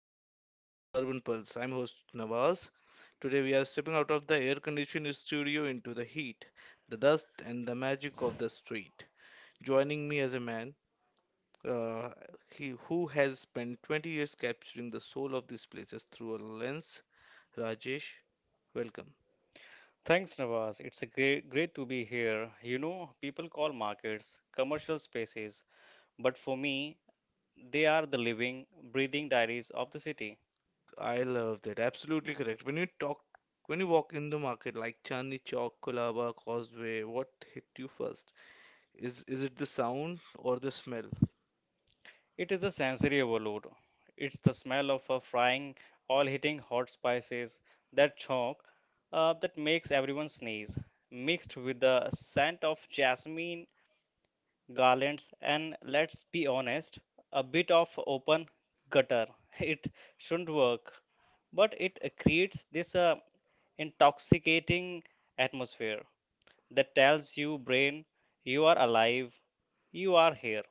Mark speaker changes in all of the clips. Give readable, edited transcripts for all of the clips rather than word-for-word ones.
Speaker 1: Welcome back to the Urban Pulse. I'm host Nawaz. Today, we are stepping out of the air conditioned studio into the heat, the dust, and the magic of the street. Joining me as a man uh, he, who has spent 20 years capturing the soul of these places through a lens, Rajesh. Welcome.
Speaker 2: Thanks, Nawaz. It's great to be here. You know, people call markets commercial spaces, but for me, they are the living, breathing diaries of the city.
Speaker 1: I love that. Absolutely correct. When you talk, when you walk in the market like Chandni Chowk, Colaba, Causeway, what hit you first? Is it the sound or the smell?
Speaker 2: It is the sensory overload. It's the smell of a frying, oil-hitting hot spices, that chonk that makes everyone sneeze, mixed with the scent of jasmine garlands, and let's be honest, a bit of open gutter. It shouldn't work, but it creates this intoxicating atmosphere that tells you brain you are alive, you are here.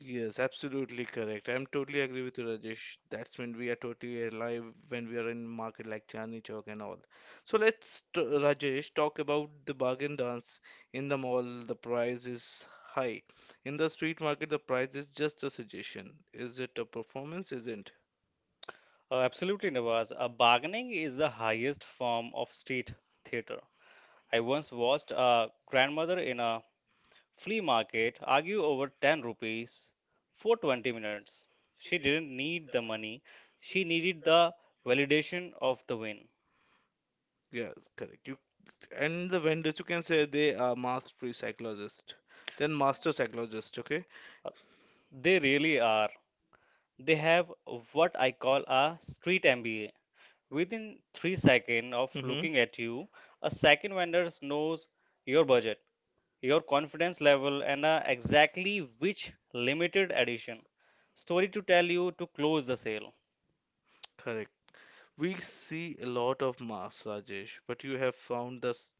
Speaker 1: Yes, absolutely correct. I'm totally agree with you, Rajesh. That's when we are totally alive when we are in market like Chandni Chowk and all. So let's, t Rajesh, talk about the bargain dance. In the mall, the price is high. In the street market, the price is just a suggestion. Is it a performance? Isn't?
Speaker 2: Absolutely, Navas. Bargaining is the highest form of street theater. I once watched a grandmother in a Flea market, argue over 10 rupees for 20 minutes. She didn't need the money, she needed the validation of the win.
Speaker 1: Yes, correct. You and the vendors, you can say they are master psychologists, then master psychologists. Okay.
Speaker 2: They really are. They have what I call a street MBA. Within 3 seconds of
Speaker 1: Mm-hmm.
Speaker 2: looking at you, a second vendor knows your budget, your confidence level, and exactly which limited edition story to tell you to close the sale.
Speaker 1: Correct. We see a lot of masks, Rajesh, but you have found the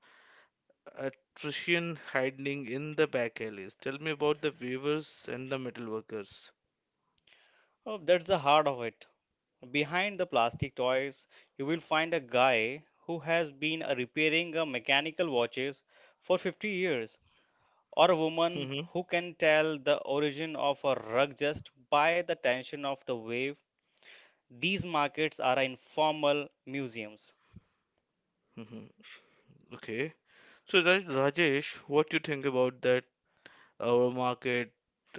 Speaker 1: attrition hiding in the back alleys. Tell me about the weavers and the metal workers.
Speaker 2: Oh, that's the heart of it. Behind the plastic toys, you will find a guy who has been repairing mechanical watches for 50 years, or a woman
Speaker 1: Hmm.
Speaker 2: who can tell the origin of a rug just by the tension of the wave. These markets are informal museums.
Speaker 1: Hmm. Okay. So, Rajesh, what do you think about that? Our market,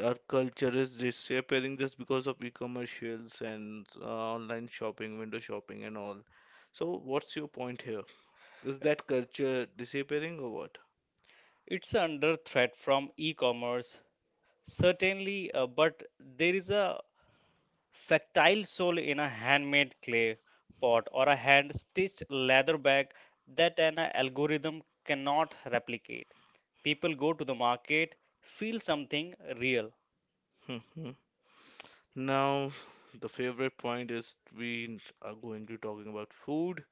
Speaker 1: our culture is disappearing just because of e-commercials and online shopping, window shopping, and all. So, what's your point here? Is that culture disappearing or what?
Speaker 2: It's under threat from e-commerce, certainly, but there is a Factile sole in a handmade clay pot or a hand stitched leather bag that an algorithm cannot replicate. People go to the market, feel something real.
Speaker 1: Hmm. Now, the favorite point is we are going to talking about food.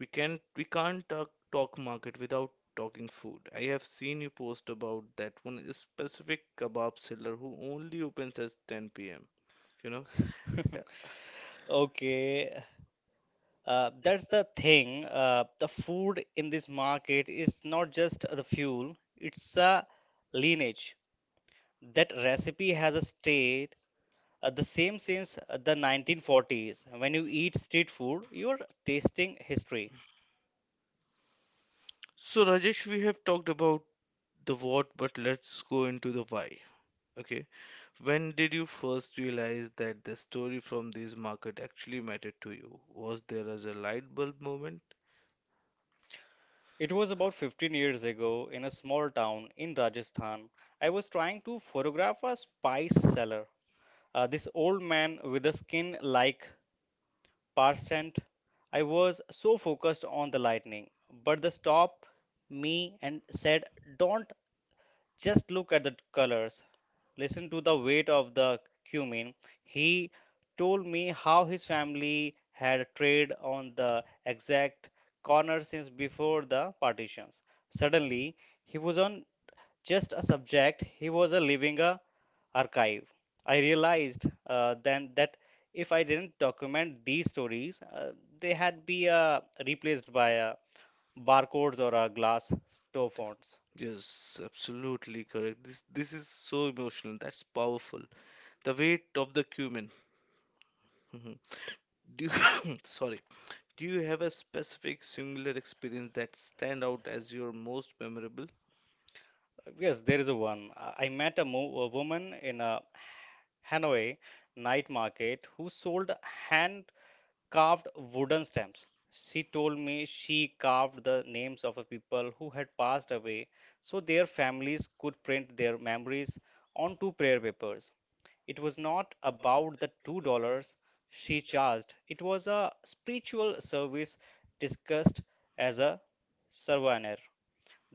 Speaker 1: We can't talk market without talking food. I have seen you post about that one specific kebab seller who only opens at 10 p.m. You know. Yeah.
Speaker 2: Okay, that's the thing. The food in this market is not just the fuel, it's a lineage. That recipe has a state the same since the 1940s. When you eat street food, you're tasting history.
Speaker 1: So Rajesh, we have talked about the what, but let's go into the why. Okay. When did you first realize that the story from this market actually mattered to you? Was there as a light bulb moment?
Speaker 2: It was about 15 years ago in a small town in Rajasthan. I was trying to photograph a spice seller. This old man with a skin like percent. I was so focused on the lightning, but the stop me and said, "Don't just look at the colors. Listen to the weight of the cumin." He told me how his family had traded on the exact corner since before the partitions. Suddenly, he was on just a subject, he was a living a archive. I realized then that if I didn't document these stories, they had be replaced by barcodes or glass store phones.
Speaker 1: Yes, absolutely correct. This is so emotional. That's powerful. The weight of the cumin. Mhm. Do you, sorry. Do you have a specific singular experience that stand out as your most memorable?
Speaker 2: Yes, there is a one. I met a, mo a woman in a Hanoi night market who sold hand carved wooden stamps. She told me she carved the names of a people who had passed away so their families could print their memories onto prayer papers. It was not about the $2 she charged, it was a spiritual service discussed as a souvenir.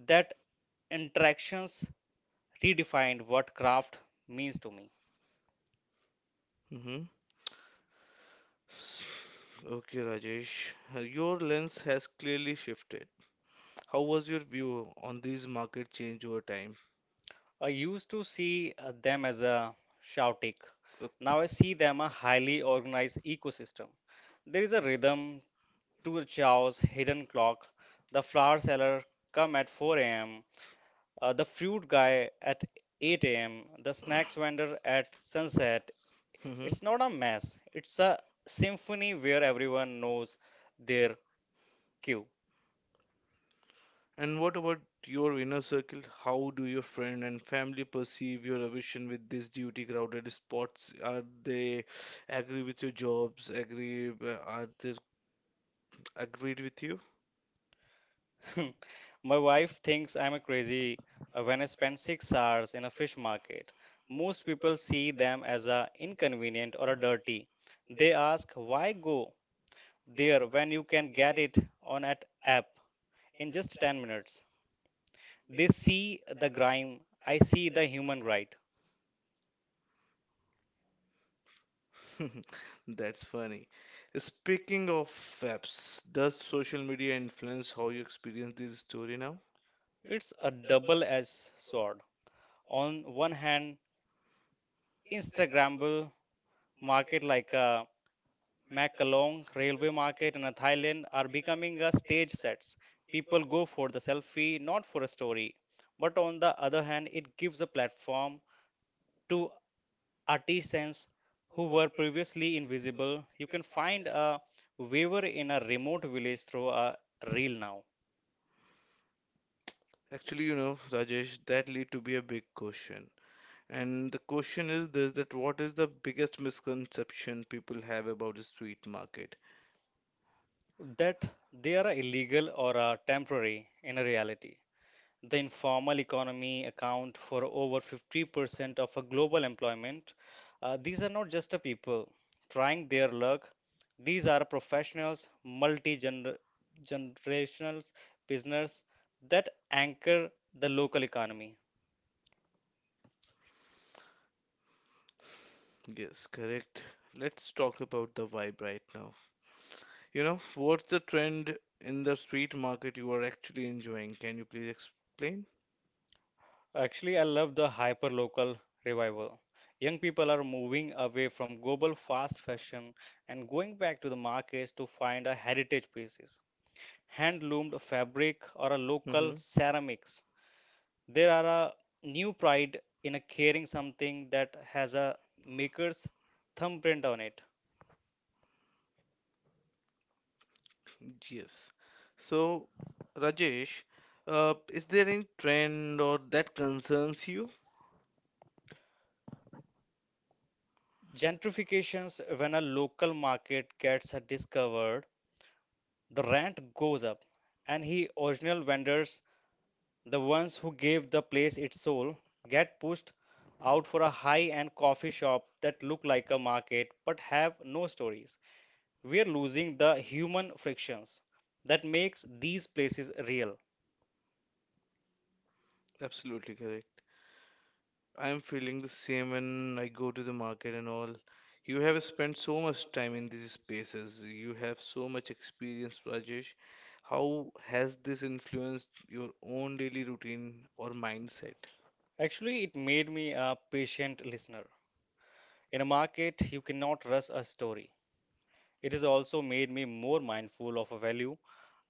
Speaker 2: That interactions redefined what craft means to me.
Speaker 1: Hmm. S- Okay, Rajesh. Your lens has clearly shifted. How was your view on these market change over time?
Speaker 2: I used to see them as a shoutic.
Speaker 1: Uh,
Speaker 2: Now I see them a highly organized ecosystem. There is a rhythm to the chaos, hidden clock. The flower seller come at 4 a.m. The fruit guy at 8 a.m. The snacks vendor at sunset.
Speaker 1: mhm.
Speaker 2: It's not a mess. It's a symphony where everyone knows their cue.
Speaker 1: And what about your inner circle? How do your friend and family perceive your ambition with these duty crowded spots? Are they agree with your jobs? Agree? Are they agreed with you?
Speaker 2: My wife thinks I'm a crazy when I spend 6 hours in a fish market. Most people see them as a inconvenient or a dirty. They ask, why go there when you can get it on an app in just 10 minutes? They see the grime, I see the human right.
Speaker 1: That's funny. Speaking of apps, does social media influence how you experience this story now?
Speaker 2: It's a double-edged sword. On one hand, Instagrammable market like a Makalong, Railway Market, and Thailand are becoming a stage sets. People go for the selfie, not for a story. But on the other hand, it gives a platform to artisans who were previously invisible. You can find a weaver in a remote village through a reel now.
Speaker 1: Actually, you know, Rajesh, that lead to be a big question. And the question is this, that what is the biggest misconception people have about the street market?
Speaker 2: That they are illegal or are temporary in reality. The informal economy account for over 50% of a global employment. These are not just a people trying their luck. These are professionals, multi-generational business that anchor the local economy.
Speaker 1: Yes, correct. Let's talk about the vibe right now. You know, what's the trend in the street market you are actually enjoying? Can you please explain?
Speaker 2: Actually, I love the hyper-local revival. Young people are moving away from global fast fashion and going back to the markets to find a heritage pieces, hand-loomed fabric or a
Speaker 1: Mm-hmm.
Speaker 2: local ceramics. There are a new pride in a carrying something that has a maker's thumbprint on it.
Speaker 1: Yes. So, Rajesh, is there any trend or that concerns you?
Speaker 2: Gentrifications, when a local market gets discovered, the rent goes up, and the original vendors, the ones who gave the place its soul, get pushed out for a high-end coffee shop that look like a market but have no stories. We are losing the human frictions that makes these places real.
Speaker 1: Absolutely correct. I'm feeling the same when I go to the market and all. You have spent so much time in these spaces. You have so much experience, Rajesh. How has this influenced your own daily routine or mindset?
Speaker 2: Actually, it made me a patient listener. In a market, you cannot rush a story. It has also made me more mindful of a value.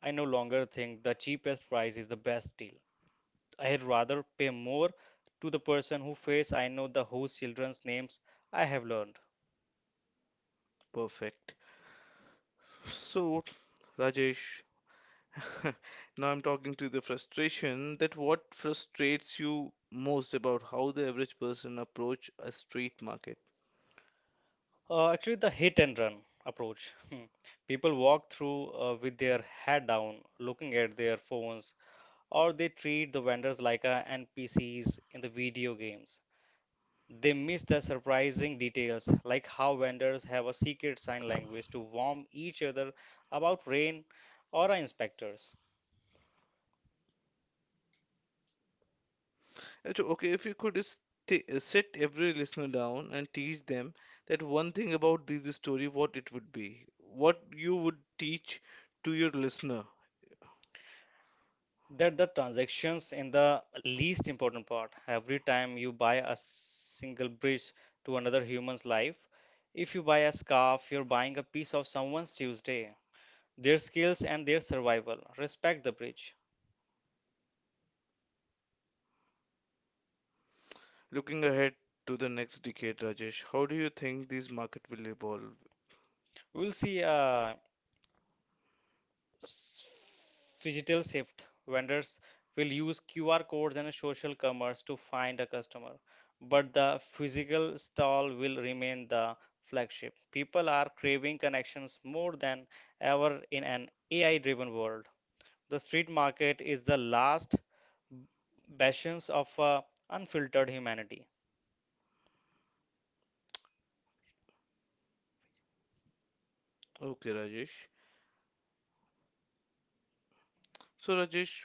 Speaker 2: I no longer think the cheapest price is the best deal. I'd rather pay more to the person who face I know the whose children's names I have learned.
Speaker 1: Perfect. So, Rajesh, now I'm talking to the frustration that what frustrates you most about how the average person approach a street market?
Speaker 2: Actually, the hit and run approach. Hmm. People walk through with their head down, looking at their phones, or they treat the vendors like NPCs in the video games. They miss the surprising details, like how vendors have a secret sign language to warn each other about rain or inspectors.
Speaker 1: Achoo. Okay, if you could sit every listener down and teach them that one thing about this story, what it would be, what you would teach to your listener,
Speaker 2: That the transactions in the least important part. Every time you buy a single bridge to another human's life, if you buy a scarf, you're buying a piece of someone's Tuesday. Their skills and their survival. Respect the bridge.
Speaker 1: looking ahead to the next decade, Rajesh, how do you think this market will evolve?
Speaker 2: We'll see. S- Phygital shift. Vendors will use QR codes and social commerce to find a customer, but the physical stall will remain the flagship. People are craving connections more than ever in an AI driven world. The street market is the last bastions of unfiltered humanity.
Speaker 1: Okay, Rajesh. So, Rajesh,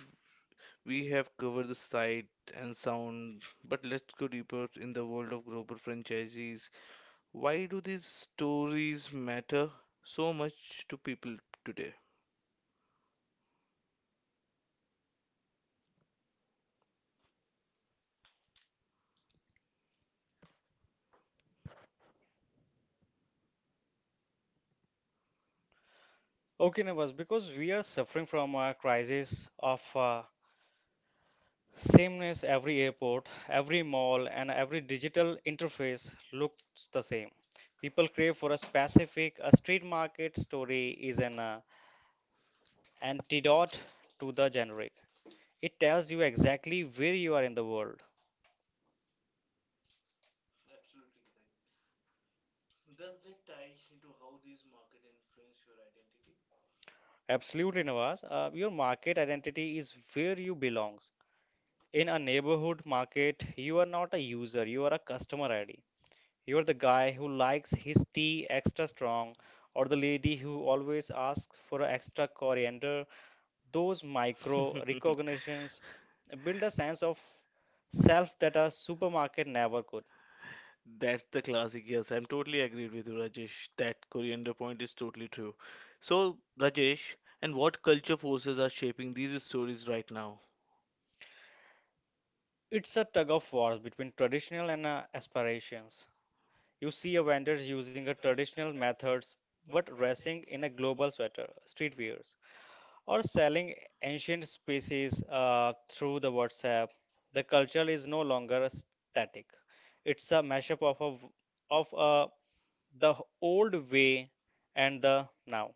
Speaker 1: we have covered the sight and sound, but let's go deeper in the world of global franchisees. Why do these stories matter so much to people today?
Speaker 2: Okay, neighbors, because we are suffering from a crisis of Sameness every airport, every mall, and every digital interface looks the same. People crave for a specific, a street market story is an antidote to the generic. It tells you exactly where you are in the world. Absolutely, Navas. Your market identity is where you belongs. In a neighborhood market, you are not a user, you are a customer ID. You're the guy who likes his tea extra strong, or the lady who always asks for extra coriander. Those micro recognitions build a sense of self that a supermarket never could.
Speaker 1: That's the classic. Yes, I'm totally agreed with you, Rajesh. That coriander point is totally true. So, Rajesh, and what culture forces are shaping these stories right now?
Speaker 2: It's a tug of war between traditional and aspirations. You see a vendor using a traditional methods but dressing in a global sweater, streetwears. Or selling ancient species through the WhatsApp. The culture is no longer static. It's a mashup of the old way and the now.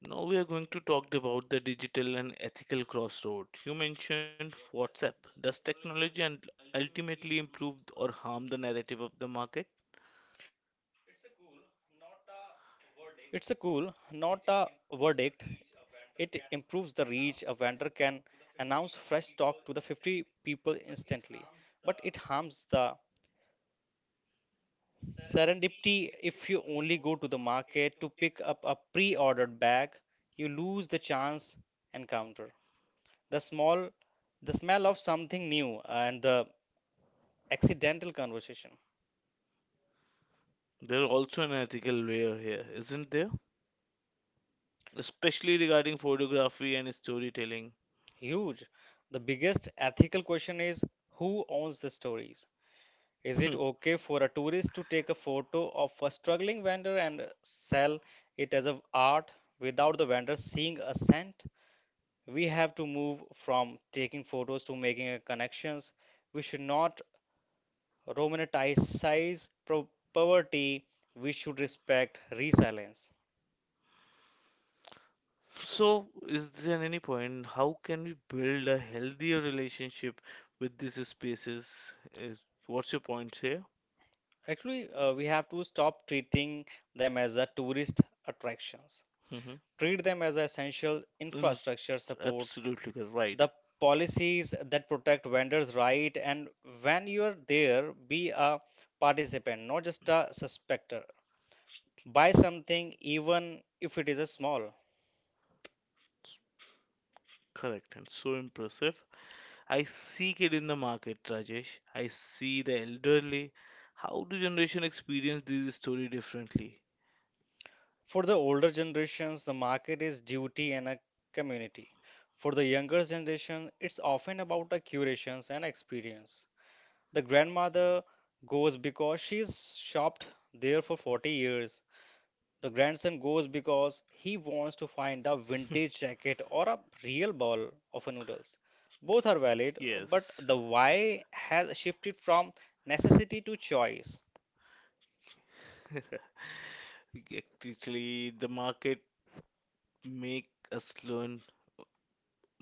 Speaker 1: Now we are going to talk about the digital and ethical crossroad. You mentioned WhatsApp. Does technology and ultimately improve or harm the narrative of the market?
Speaker 2: It's a cool, not a verdict.
Speaker 1: There are also an ethical layer here, isn't there? Especially regarding photography and storytelling. So, is there any point? How can we build a healthier relationship with these spaces? Is, what's your point here? Hmm. Mm. Absolutely correct. Right. Correct and so impressive. I seek it in the market, Rajesh. I see the elderly. How do generation experience this story differently? Yes. Actually, the market make us learn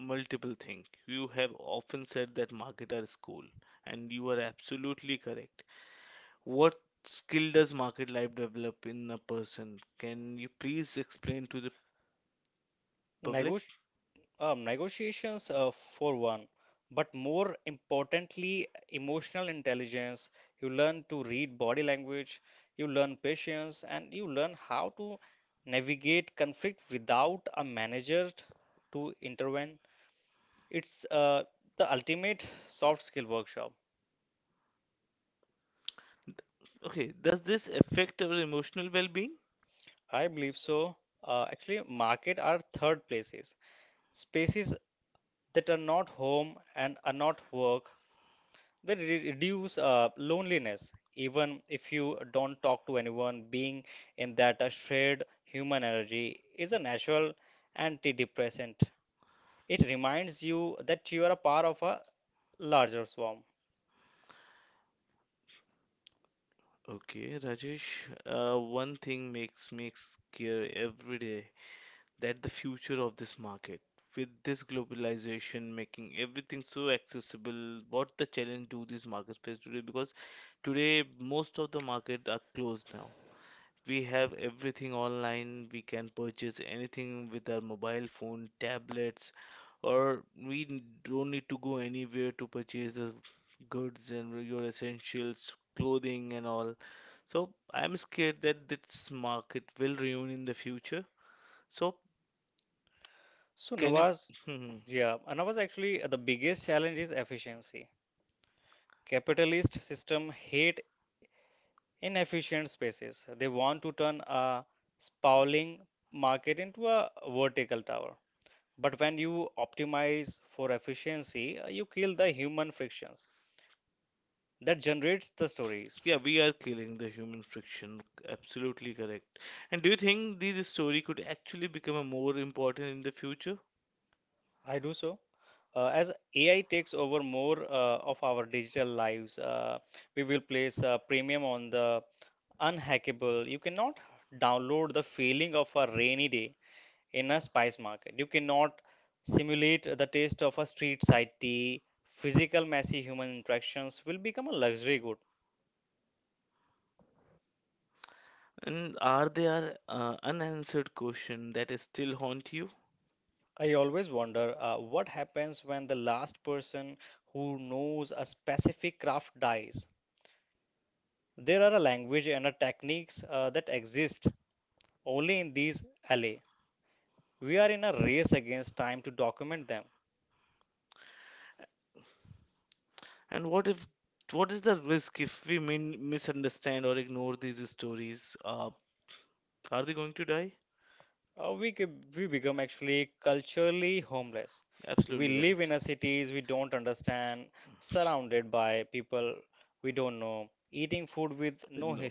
Speaker 1: multiple things. You have often said that market are school, and you are absolutely correct. What skill does market life develop in a person? Can you please explain to the public? Okay, does this affect our emotional well-being? Okay, Rajesh, one thing makes me scare every day that the future of this market, with this globalization making everything so accessible, what the challenge do these markets face today? Because today most of the market are closed now. We have everything online. We can purchase anything with our mobile phone, tablets, or we don't need to go anywhere to purchase the goods and your essentials, clothing and all. So I'm scared that this market will ruin in the future. So can you? Yeah, we are killing the human friction. Absolutely correct. And do you think this story could actually become a more important in the future? And are there unanswered questions that is still haunt you? And what if what is the risk if we min misunderstand or ignore these stories? Are they going to die? Absolutely correct. No,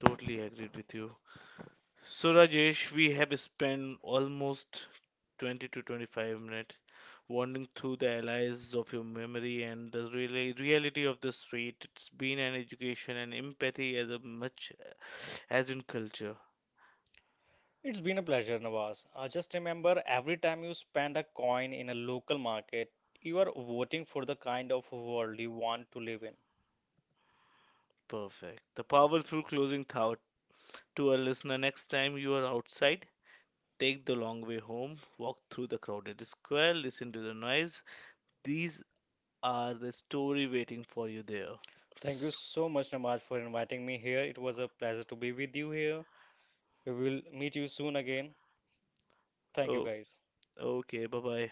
Speaker 1: totally agreed with you. So Rajesh, we have spent almost 20-25 minutes wandering through the allies of your memory and the really reality of the street. It's been an education and empathy as a much as in culture. Perfect. The powerful closing thought to our listener next time you are outside, take the long way home, walk through the crowded square, listen to the noise. These are the story waiting for you there. S- Oh, okay, bye bye.